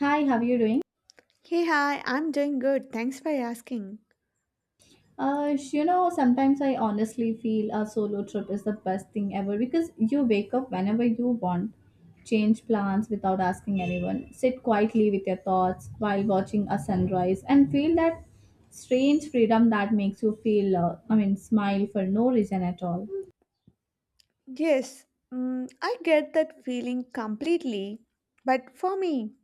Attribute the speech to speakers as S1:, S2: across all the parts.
S1: Hi, how are you doing?
S2: Hey, hi, I'm doing good. Thanks for asking.
S1: Sometimes I honestly feel a solo trip is the best thing ever because you wake up whenever you want, change plans without asking anyone, sit quietly with your thoughts while watching a sunrise, and feel that strange freedom that makes you feel, smile for no reason at all.
S2: Yes, I get that feeling completely. But for me,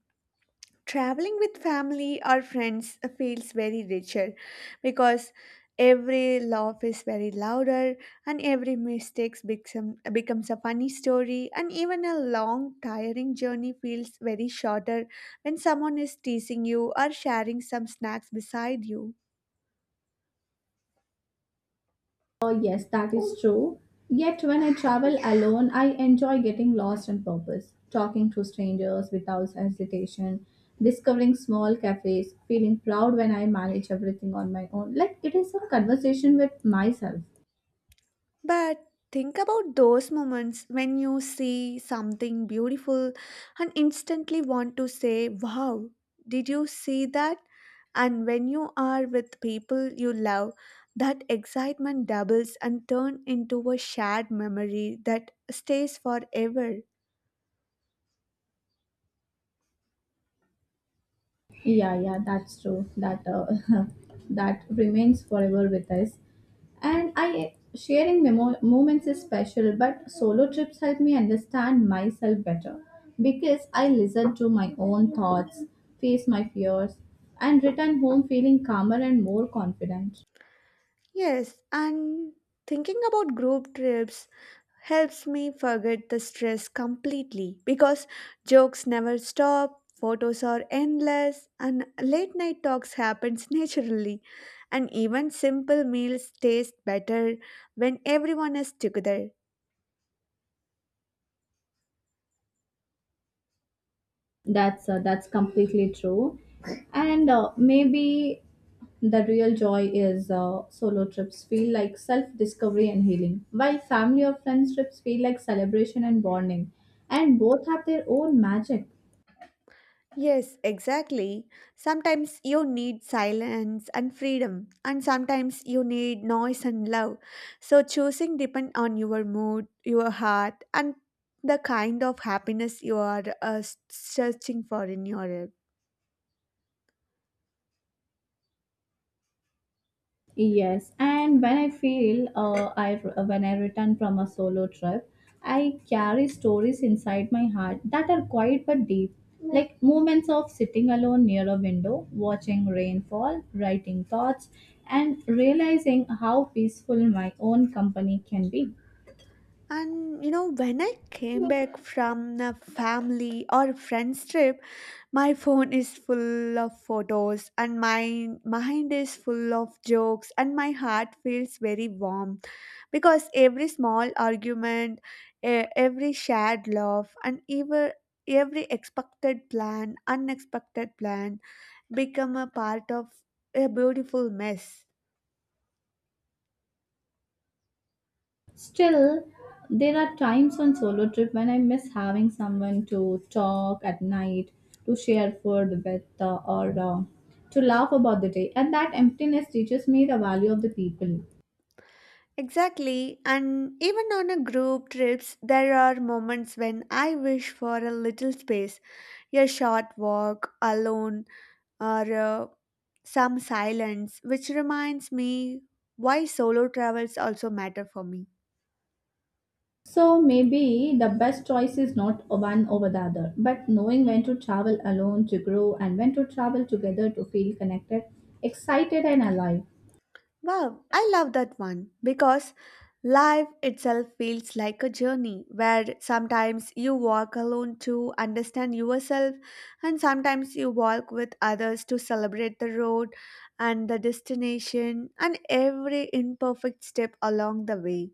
S2: traveling with family or friends feels very richer because every laugh is very louder and every mistake becomes a funny story and even a long tiring journey feels very shorter when someone is teasing you or sharing some snacks beside you.
S1: Yes, that is true. Yet when I travel alone, I enjoy getting lost on purpose, talking to strangers without hesitation, discovering small cafes, feeling proud when I manage everything on my own. Like it is a conversation with myself.
S2: But think about those moments when you see something beautiful and instantly want to say, "Wow, did you see that?" And when you are with people you love, that excitement doubles and turns into a shared memory that stays forever.
S1: Yeah, yeah, that's true. That that remains forever with us. And I moments is special, but solo trips help me understand myself better because I listen to my own thoughts, face my fears, and return home feeling calmer and more confident.
S2: Yes, and thinking about group trips helps me forget the stress completely because jokes never stop, photos are endless, and late night talks happens naturally. And even simple meals taste better when everyone is together.
S1: That's completely true. And maybe the real joy is solo trips feel like self discovery and healing, while family or friends trips feel like celebration and bonding. And both have their own magic.
S2: Yes, exactly. Sometimes you need silence and freedom, and sometimes you need noise and love. So choosing depends on your mood, your heart, and the kind of happiness you are searching for in your life.
S1: Yes, and when I when I return from a solo trip, I carry stories inside my heart that are quiet but deep, like moments of sitting alone near a window, watching rainfall, writing thoughts, and realizing how peaceful my own company can be.
S2: And you know, when I came back from a family or friends trip, my phone is full of photos and my mind is full of jokes and my heart feels very warm because every small argument, every shared laugh and even every expected plan, unexpected plan become a part of a beautiful mess.
S1: Still, there are times on solo trip when I miss having someone to talk at night, to share food with, or to laugh about the day. And that emptiness teaches me the value of the people.
S2: Exactly, and even on a group trips, there are moments when I wish for a little space, a short walk alone, or some silence, which reminds me why solo travels also matter for me.
S1: So maybe the best choice is not one over the other, but knowing when to travel alone to grow and when to travel together to feel connected, excited, and alive.
S2: Wow, I love that one because life itself feels like a journey where sometimes you walk alone to understand yourself, and sometimes you walk with others to celebrate the road and the destination and every imperfect step along the way.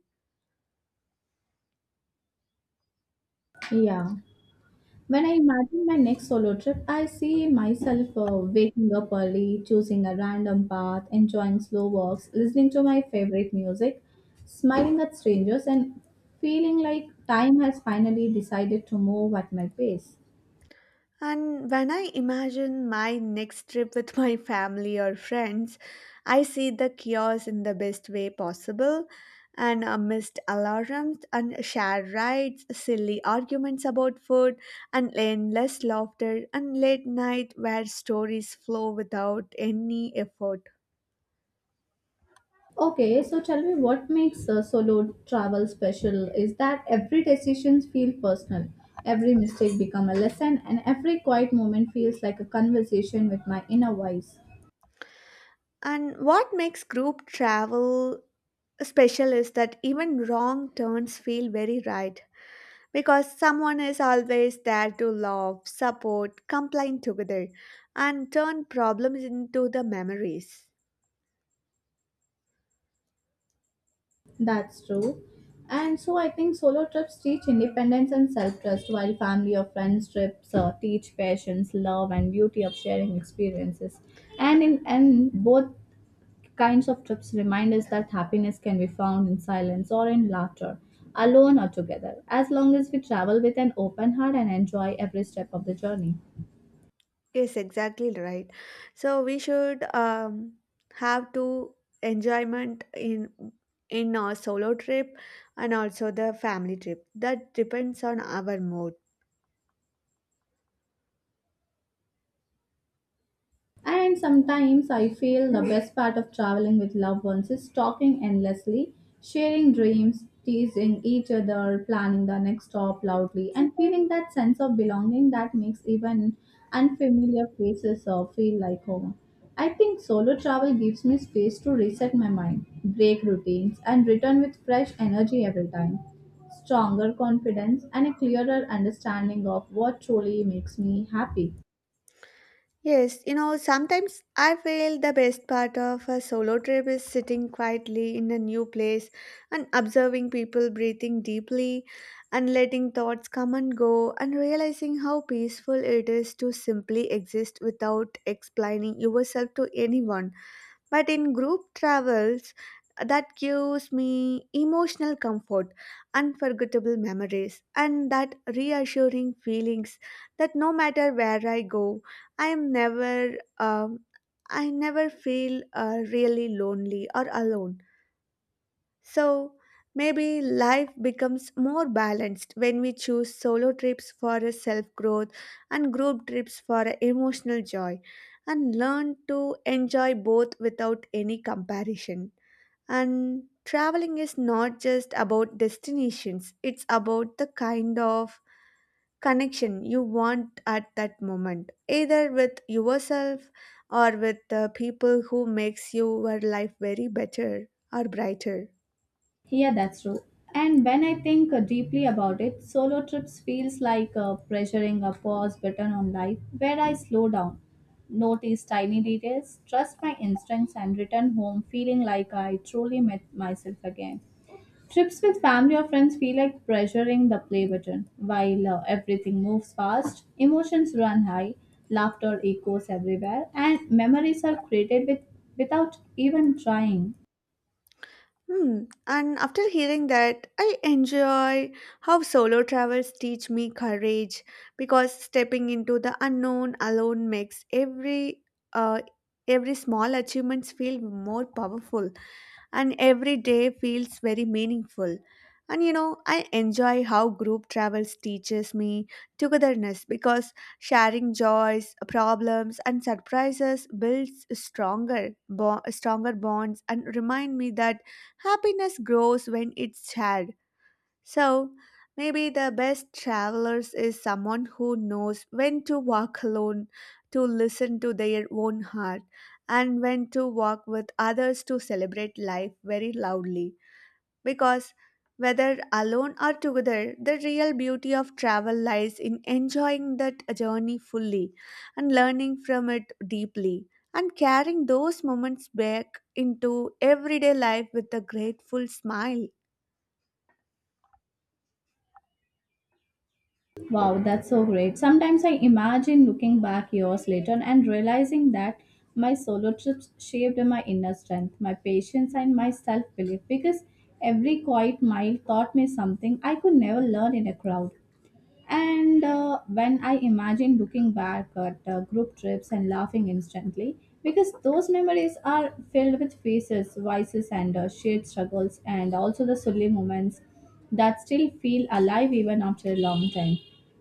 S1: Yeah. When I imagine my next solo trip, I see myself waking up early, choosing a random path, enjoying slow walks, listening to my favorite music, smiling at strangers, and feeling like time has finally decided to move at my pace.
S2: And when I imagine my next trip with my family or friends, I see the chaos in the best way possible and missed alarms and shared rides, silly arguments about food, and endless laughter and late night where stories flow without any effort.
S1: Okay, so tell me what makes solo travel special is that every decision feels personal, every mistake become a lesson, and every quiet moment feels like a conversation with my inner voice.
S2: And what makes group travel special is that even wrong turns feel very right because someone is always there to love, support, complain together, and turn problems into the memories.
S1: That's true. And so I think solo trips teach independence and self trust, while family or friends trips teach patience, love, and beauty of sharing experiences. And both kinds of trips remind us that happiness can be found in silence or in laughter, alone or together, as long as we travel with an open heart and enjoy every step of the journey.
S2: Yes, exactly right. So we should have to enjoyment in our solo trip and also the family trip. That depends on our mood.
S1: And sometimes I feel the best part of traveling with loved ones is talking endlessly, sharing dreams, teasing each other, planning the next stop loudly, and feeling that sense of belonging that makes even unfamiliar places feel like home. I think solo travel gives me space to reset my mind, break routines, and return with fresh energy every time. Stronger confidence and a clearer understanding of what truly makes me happy.
S2: Yes, you know, sometimes I feel the best part of a solo trip is sitting quietly in a new place and observing people breathing deeply and letting thoughts come and go and realizing how peaceful it is to simply exist without explaining yourself to anyone. But in group travels, that gives me emotional comfort, unforgettable memories, and that reassuring feelings that no matter where I go, I am never. I never feel really lonely or alone. So maybe life becomes more balanced when we choose solo trips for a self growth and group trips for a emotional joy and learn to enjoy both without any comparison. And traveling is not just about destinations, it's about the kind of connection you want at that moment, either with yourself or with the people who makes your life very better or brighter.
S1: Yeah, that's true. And when I think deeply about it, solo trips feels like pressuring a pause button on life where I slow down, notice tiny details, trust my instincts and return home feeling like I truly met myself again. Trips with family or friends feel like pressuring the play button while everything moves fast, emotions run high, laughter echoes everywhere and memories are created with without even trying.
S2: Hmm. And after hearing that, I enjoy how solo travels teach me courage because stepping into the unknown alone makes uh, every small achievements feel more powerful and every day feels very meaningful. And you know, I enjoy how group travels teaches me togetherness because sharing joys, problems, and surprises builds stronger bonds and remind me that happiness grows when it's shared. So, maybe the best travelers is someone who knows when to walk alone to listen to their own heart and when to walk with others to celebrate life very loudly. Because whether alone or together, the real beauty of travel lies in enjoying that journey fully and learning from it deeply and carrying those moments back into everyday life with a grateful smile.
S1: Wow, that's so great. Sometimes I imagine looking back years later and realizing that my solo trips shaped my inner strength, my patience, and my self belief because every quiet mile taught me something I could never learn in a crowd. And when I imagine looking back at group trips and laughing instantly, because those memories are filled with faces, voices, and shared struggles, and also the silly moments that still feel alive even after a long time.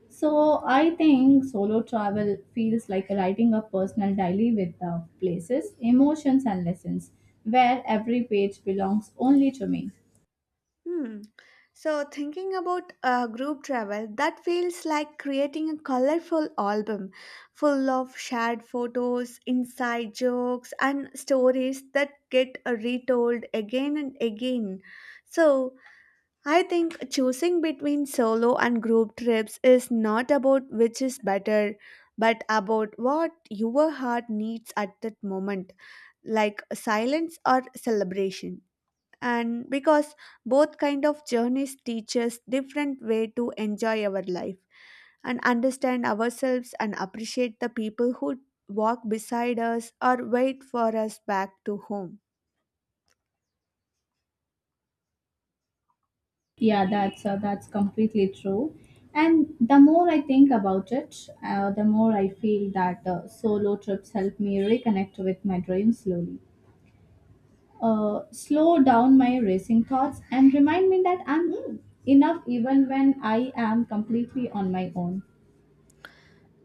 S1: So I think solo travel feels like writing a personal diary with places, emotions, and lessons, where every page belongs only to me.
S2: Hmm. So, thinking about group travel, that feels like creating a colorful album full of shared photos, inside jokes, and stories that get retold again and again. So, I think choosing between solo and group trips is not about which is better, but about what your heart needs at that moment, like silence or celebration, and because both kind of journeys teach us different way to enjoy our life and understand ourselves and appreciate the people who walk beside us or wait for us back to home.
S1: Yeah, that's completely true. And the more I think about it, the more I feel that solo trips help me reconnect with my dreams slowly, slow down my racing thoughts, and remind me that I'm enough even when I am completely on my own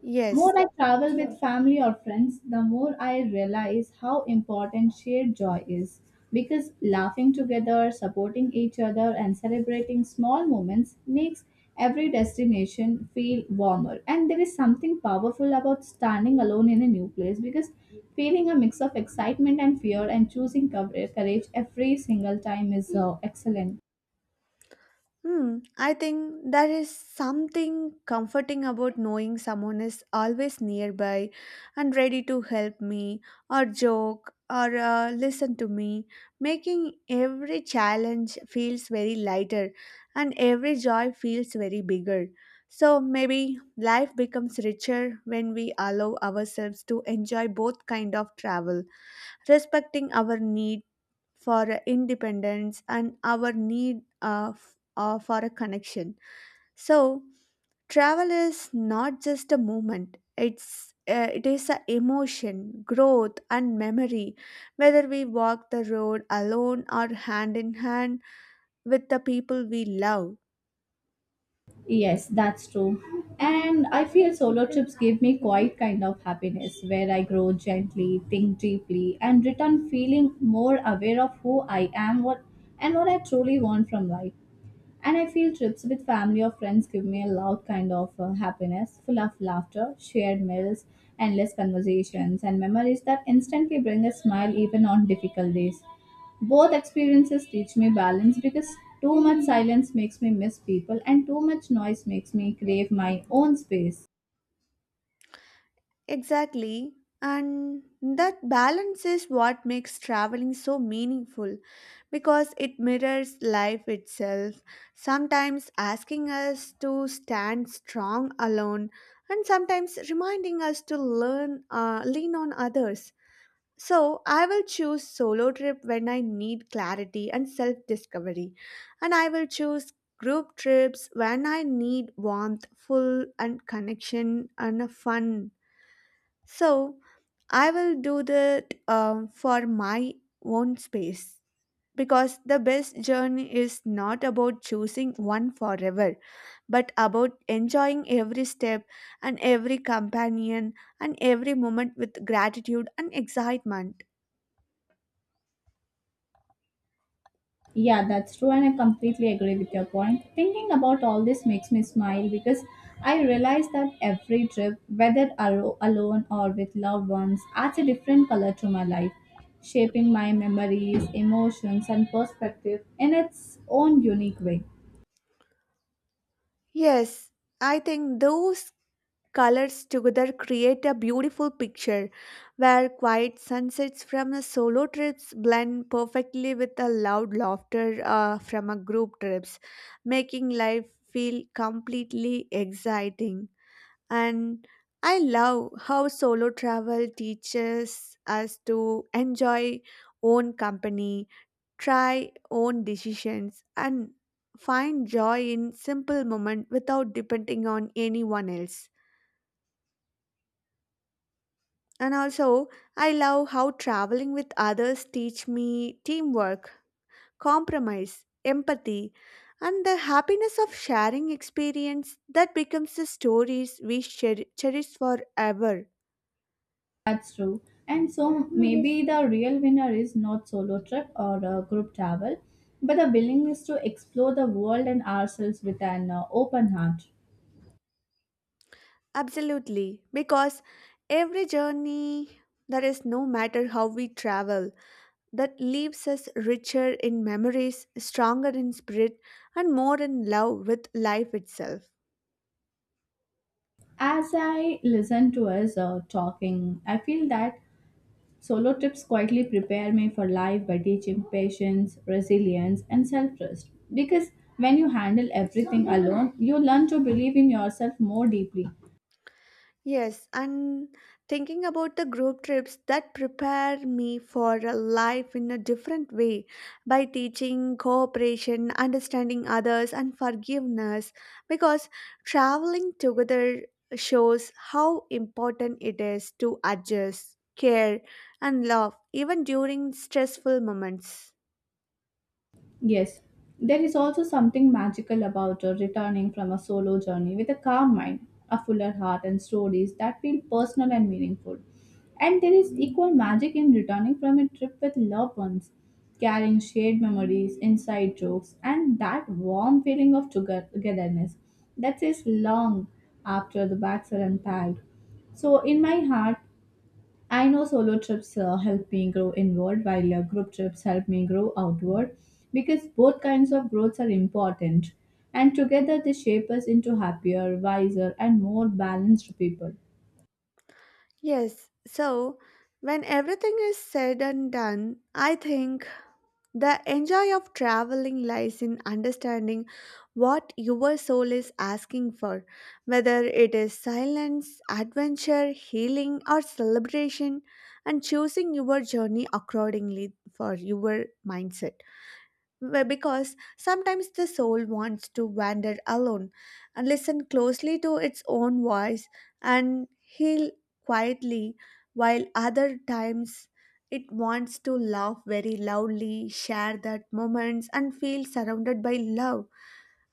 S2: Yes.
S1: more I travel with family or friends, the more I realize how important shared joy is. Because laughing together, supporting each other, and celebrating small moments makes every destination feel warmer. And there is something powerful about standing alone in a new place because feeling a mix of excitement and fear and choosing courage every single time is excellent.
S2: Hmm, I think there is something comforting about knowing someone is always nearby and ready to help me or joke or listen to me, making every challenge feels very lighter and every joy feels very bigger. So maybe life becomes richer when we allow ourselves to enjoy both kind of travel, respecting our need for independence and our need for a connection. So travel is not just a movement, it is a emotion growth and memory, whether we walk the road alone or hand in hand with the people we love.
S1: Yes, that's true. And I feel solo trips give me quite kind of happiness where I grow gently, think deeply, and return feeling more aware of who I am what and what I truly want from life. And I feel trips with family or friends give me a loud kind of happiness, full of laughter, shared meals, endless conversations, and memories that instantly bring a smile even on difficult days. Both experiences teach me balance because too much silence makes me miss people, and too much noise makes me crave my own space.
S2: Exactly. And that balance is what makes traveling so meaningful because it mirrors life itself, sometimes asking us to stand strong alone and sometimes reminding us to learn lean on others. So, I will choose solo trip when I need clarity and self-discovery, and I will choose group trips when I need warmth, full and connection and a fun. So I will do that for my own space, because the best journey is not about choosing one forever, but about enjoying every step and every companion and every moment with gratitude and excitement.
S1: Yeah, that's true, and I completely agree with your point. Thinking about all this makes me smile because I realize that every trip, whether alone or with loved ones, adds a different color to my life, shaping my memories, emotions, and perspective in its own unique way.
S2: Yes, I think those colors together create a beautiful picture where quiet sunsets from a solo trips blend perfectly with a loud laughter from a group trips, making life feel completely exciting. And I love how solo travel teaches us to enjoy own company, try own decisions and find joy in simple moment without depending on anyone else. And also, I love how traveling with others teach me teamwork, compromise, empathy, and the happiness of sharing experience that becomes the stories we cherish forever.
S1: That's true. And so maybe the real winner is not solo trip or a group travel, but the willingness to explore the world and ourselves with an open heart.
S2: Absolutely, because every journey there is no matter how we travel that leaves us richer in memories, stronger in spirit, and more in love with life itself.
S1: As I listen to us talking, I feel that solo trips quietly prepare me for life by teaching patience, resilience, and self trust. Because when you handle everything alone, you learn to believe in yourself more deeply.
S2: Yes, and thinking about the group trips that prepare me for a life in a different way by teaching cooperation, understanding others, and forgiveness because traveling together shows how important it is to adjust, care, and love even during stressful moments.
S1: Yes, there is also something magical about returning from a solo journey with a calm mind, a fuller heart, and stories that feel personal and meaningful. And there is equal magic in returning from a trip with loved ones, carrying shared memories, inside jokes, and that warm feeling of togetherness that is long after the bags are unpacked. So, in my heart, I know solo trips help me grow inward while group trips help me grow outward because both kinds of growths are important and together they shape us into happier, wiser, and more balanced people.
S2: Yes, so when everything is said and done, I think the enjoy of traveling lies in understanding what your soul is asking for, whether it is silence, adventure, healing, or celebration, and choosing your journey accordingly for your mindset. Well, because sometimes the soul wants to wander alone and listen closely to its own voice and heal quietly, while other times it wants to laugh very loudly, share that moments, and feel surrounded by love.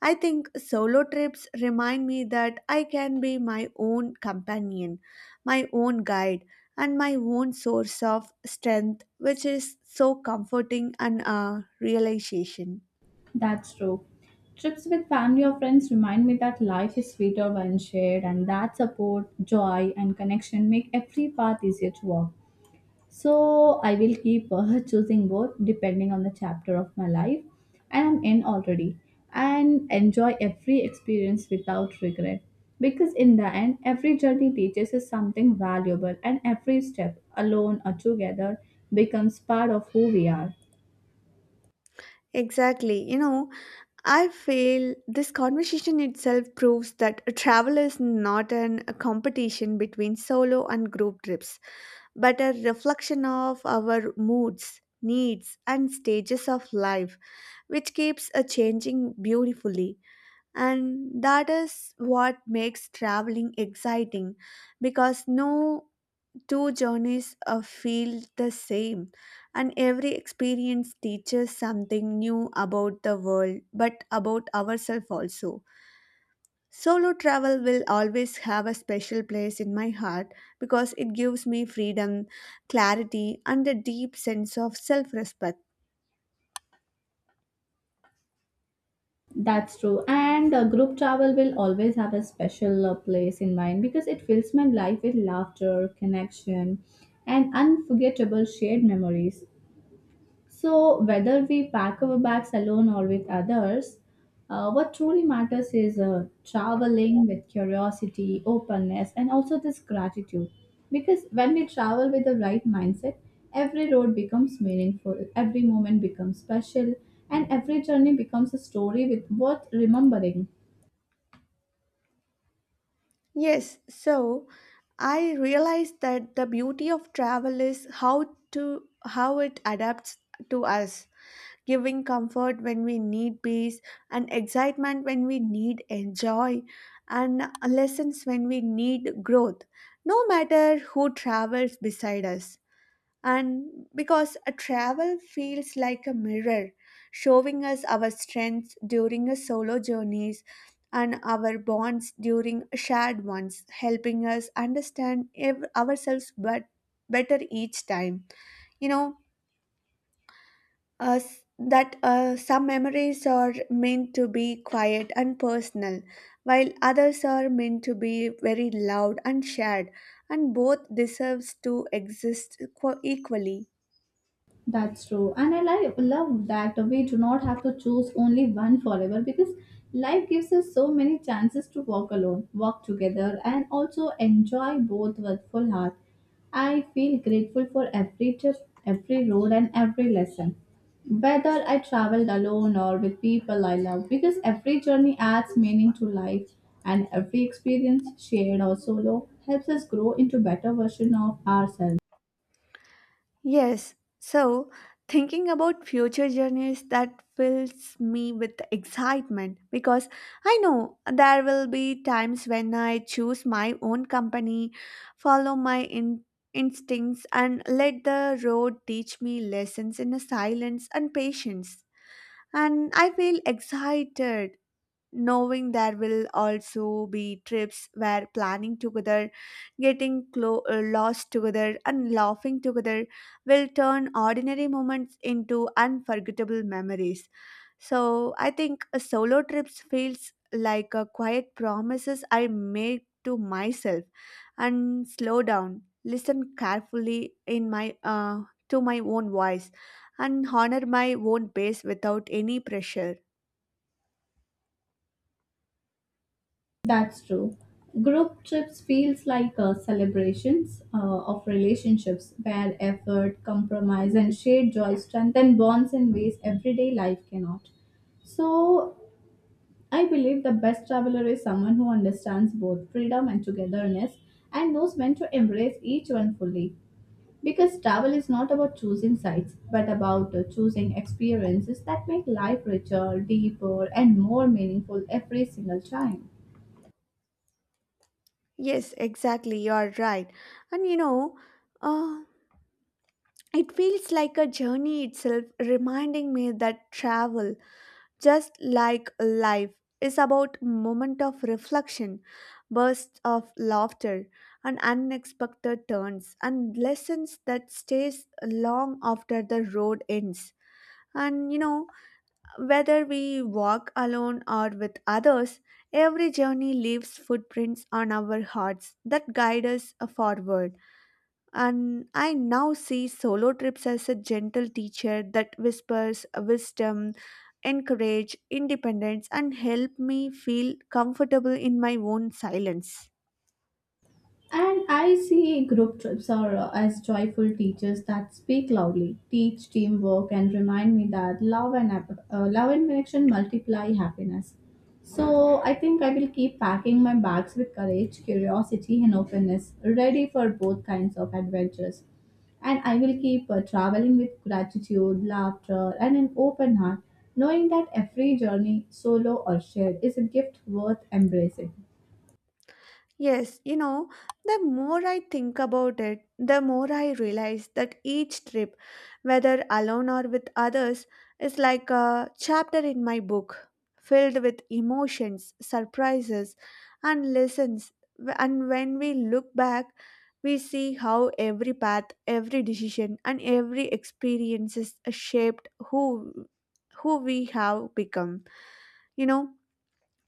S2: I think solo trips remind me that I can be my own companion, my own guide, and my own source of strength, which is so comforting and a realization.
S1: That's true. Trips with family or friends remind me that life is sweeter when shared and that support, joy, and connection make every path easier to walk. So I will keep choosing both depending on the chapter of my life and I'm in already and enjoy every experience without regret because in the end every journey teaches us something valuable and every step alone or together becomes part of who we are.
S2: Exactly. You know, I feel this conversation itself proves that travel is not a competition between solo and group trips, but a reflection of our moods, needs, and stages of life which keeps a changing beautifully, and that is what makes traveling exciting because no two journeys feel the same and every experience teaches something new about the world but about ourselves also. Solo travel will always have a special place in my heart because it gives me freedom, clarity and a deep sense of self-respect.
S1: That's true. And group travel will always have a special place in mind because it fills my life with laughter, connection, and unforgettable shared memories. So, whether we pack our bags alone or with others, what truly matters is traveling with curiosity, openness, and also this gratitude. Because when we travel with the right mindset, every road becomes meaningful, every moment becomes special, and every journey becomes a story with worth remembering.
S2: Yes, so I realized that the beauty of travel is how it adapts to us, giving comfort when we need peace and excitement when we need enjoy and lessons when we need growth, no matter who travels beside us. And because a travel feels like a mirror showing us our strengths during a solo journeys and our bonds during shared ones, helping us understand ourselves but better each time, you know, us that some memories are meant to be quiet and personal while others are meant to be very loud and shared, and both deserves to exist equally.
S1: That's true. And I like, love that we do not have to choose only one forever because life gives us so many chances to walk alone, walk together, and also enjoy both with full heart. I feel grateful for every trip, every road, and every lesson. Whether I traveled alone or with people I love, because every journey adds meaning to life, and every experience, shared or solo, helps us grow into better version of ourselves.
S2: Yes. So, thinking about future journeys that fills me with excitement because I know there will be times when I choose my own company, follow my instincts, and let the road teach me lessons in silence and patience. And I feel excited knowing there will also be trips where planning together, lost together, and laughing together will turn ordinary moments into unforgettable memories. So I think a solo trips feels like a quiet promises I made to myself and slow down, listen carefully in my to my own voice and honor my own pace without any pressure.
S1: That's true. Group trips feels like celebrations of relationships where effort, compromise, and shared joy strengthen bonds in ways everyday life cannot. So, I believe the best traveler is someone who understands both freedom and togetherness and knows when to embrace each one fully. Because travel is not about choosing sites, but about choosing experiences that make life richer, deeper, and more meaningful every single time.
S2: Yes, exactly. You are right. And you know, uh, it feels like a journey itself, reminding me that travel, just like life, is about moment of reflection, bursts of laughter, and unexpected turns, and lessons that stays long after the road ends. And you know, Whether we walk alone or with others, every journey leaves footprints on our hearts that guide us forward. And I now see solo trips as a gentle teacher that whispers wisdom, encourage independence, and help me feel comfortable in my own silence.
S1: And I see group trips are as joyful teachers that speak loudly, teach teamwork, and remind me that love and connection multiply happiness. So I think I will keep packing my bags with courage, curiosity, and openness, ready for both kinds of adventures. And I will keep traveling with gratitude, laughter, and an open heart, knowing that every journey, solo or shared, is a gift worth embracing.
S2: Yes, you know, the more I think about it, the more I realize that each trip, whether alone or with others, is like a chapter in my book, filled with emotions, surprises, and lessons. And when we look back, we see how every path, every decision, and every experience is shaped who we have become. You know,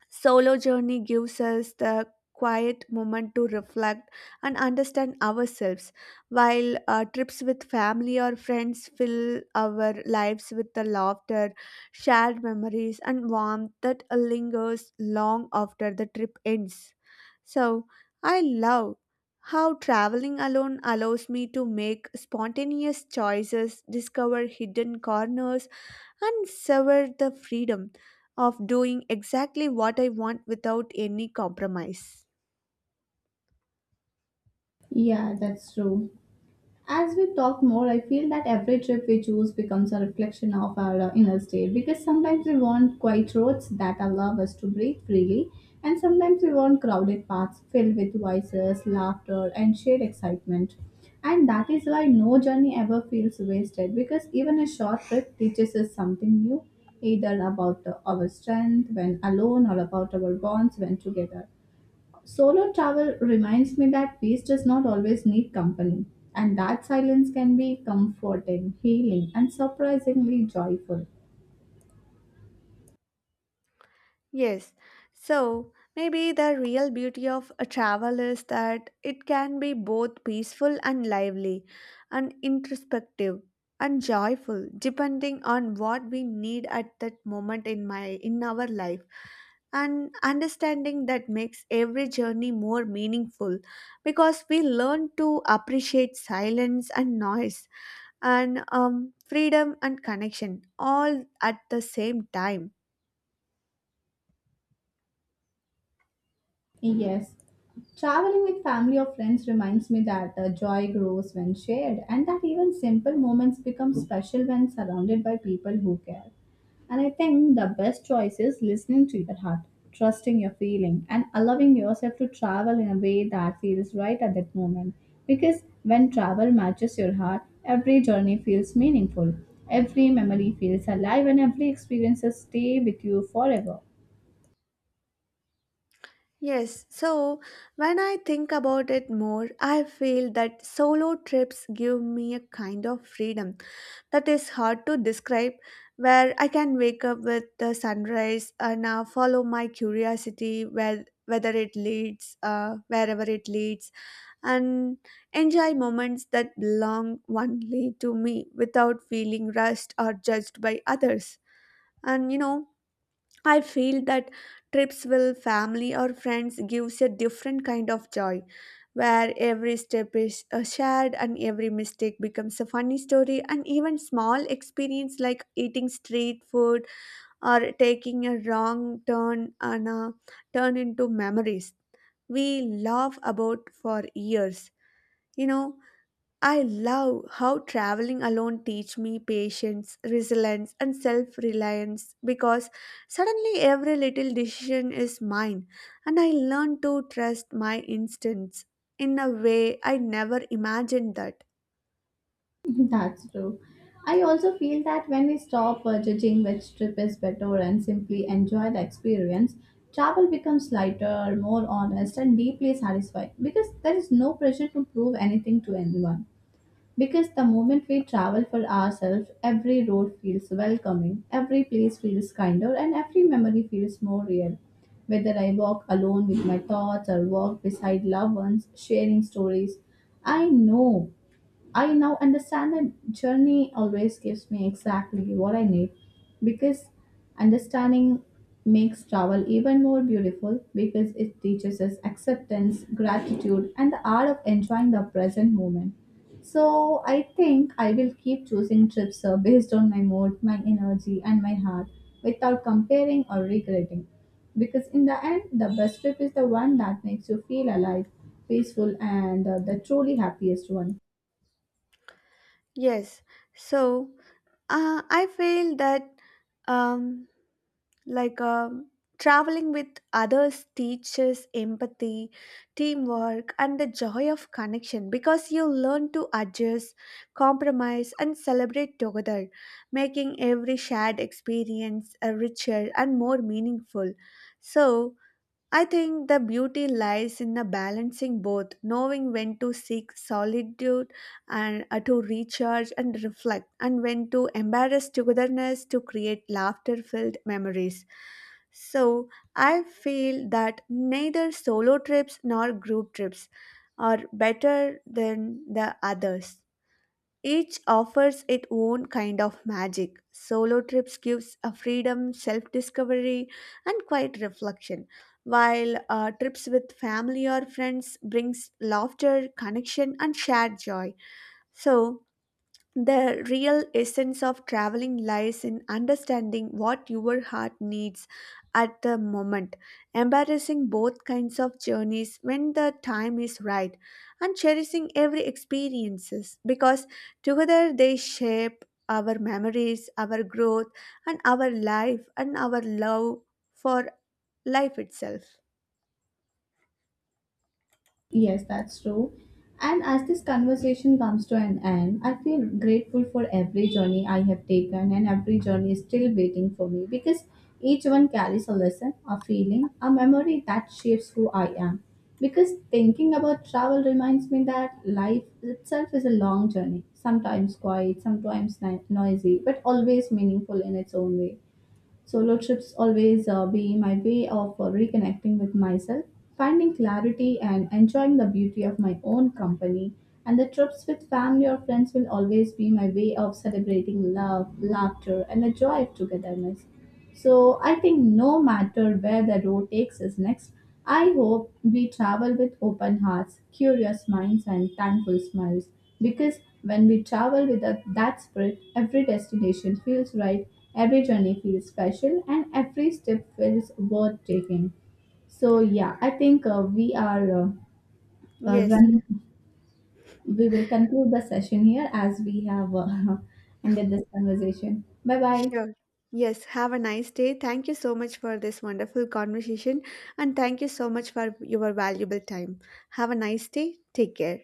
S2: solo journey gives us the quiet moment to reflect and understand ourselves, while trips with family or friends fill our lives with the laughter, shared memories, and warmth that lingers long after the trip ends. So, I love how traveling alone allows me to make spontaneous choices, discover hidden corners, and sever the freedom of doing exactly what I want without any compromise.
S1: Yeah, that's true. As we talk more, I feel that every trip we choose becomes a reflection of our inner state because sometimes we want quiet roads that allow us to breathe freely, and sometimes we want crowded paths filled with voices, laughter, and shared excitement. And that is why no journey ever feels wasted because even a short trip teaches us something new, either about our strength when alone or about our bonds when together. Solo travel reminds me that peace does not always need company, and that silence can be comforting, healing, and surprisingly joyful.
S2: Yes, so maybe the real beauty of a travel is that it can be both peaceful and lively, and introspective and joyful, depending on what we need at that moment in my in our life and understanding that makes every journey more meaningful because we learn to appreciate silence and noise and freedom and connection all at the same time.
S1: Yes. Traveling with family or friends reminds me that joy grows when shared, and that even simple moments become special when surrounded by people who care. And I think the best choice is listening to your heart, trusting your feeling, and allowing yourself to travel in a way that feels right at that moment. Because when travel matches your heart, every journey feels meaningful, every memory feels alive, and every experience stays with you forever.
S2: Yes, so when I think about it more, I feel that solo trips give me a kind of freedom that is hard to describe, where I can wake up with the sunrise and follow my curiosity, wherever it leads, and enjoy moments that belong only to me without feeling rushed or judged by others. And you know, I feel that trips with family or friends gives a different kind of joy where every step is shared and every mistake becomes a funny story and even small experience like eating street food or taking a wrong turn and turn into memories we laugh about for years. You know, I love how traveling alone teach me patience, resilience and self-reliance because suddenly every little decision is mine and I learn to trust my instincts in a way I never imagined that.
S1: That's true. I also feel that when we stop judging which trip is better and simply enjoy the experience, travel becomes lighter, more honest, and deeply satisfying because there is no pressure to prove anything to anyone. Because the moment we travel for ourselves, every road feels welcoming, every place feels kinder, and every memory feels more real. Whether I walk alone with my thoughts or walk beside loved ones, sharing stories, I know I now understand that journey always gives me exactly what I need because understanding makes travel even more beautiful because it teaches us acceptance, gratitude, and the art of enjoying the present moment. So I think I will keep choosing trips based on my mood, my energy, and my heart without comparing or regretting. Because in the end, the best trip is the one that makes you feel alive, peaceful, and the truly happiest one.
S2: Yes. So, I feel that um, like um, traveling with others teaches empathy teamwork and the joy of connection because you learn to adjust compromise and celebrate together making every shared experience richer and more meaningful. So I think the beauty lies in the balancing both, knowing when to seek solitude and to recharge and reflect, and when to embrace togetherness to create laughter-filled memories. So, I feel that neither solo trips nor group trips are better than the others. Each offers its own kind of magic. Solo trips gives a freedom, self-discovery, and quiet reflection, while trips with family or friends brings laughter, connection, and shared joy. So, the real essence of traveling lies in understanding what your heart needs at the moment, embracing both kinds of journeys when the time is right, and cherishing every experiences because together they shape our memories, our growth, and our life and our love for life itself.
S1: Yes, that's true. And as this conversation comes to an end, I feel grateful for every journey I have taken, and every journey is still waiting for me because each one carries a lesson, a feeling, a memory that shapes who I am. Because thinking about travel reminds me that life itself is a long journey, sometimes quiet, sometimes noisy, but always meaningful in its own way. Solo trips always be my way of reconnecting with myself, finding clarity, and enjoying the beauty of my own company. And the trips with family or friends will always be my way of celebrating love, laughter, and the joy of togetherness. So I think no matter where the road takes us next, I hope we travel with open hearts, curious minds, and thankful smiles because when we travel with that spirit, every destination feels right, every journey feels special, and every step feels worth taking. So, yeah, I think we are
S2: Yes.
S1: running. We will conclude the session here as we have ended this conversation. Bye bye.
S2: Sure. Yes, have a nice day. Thank you so much for this wonderful conversation and thank you so much for your valuable time. Have a nice day. Take care.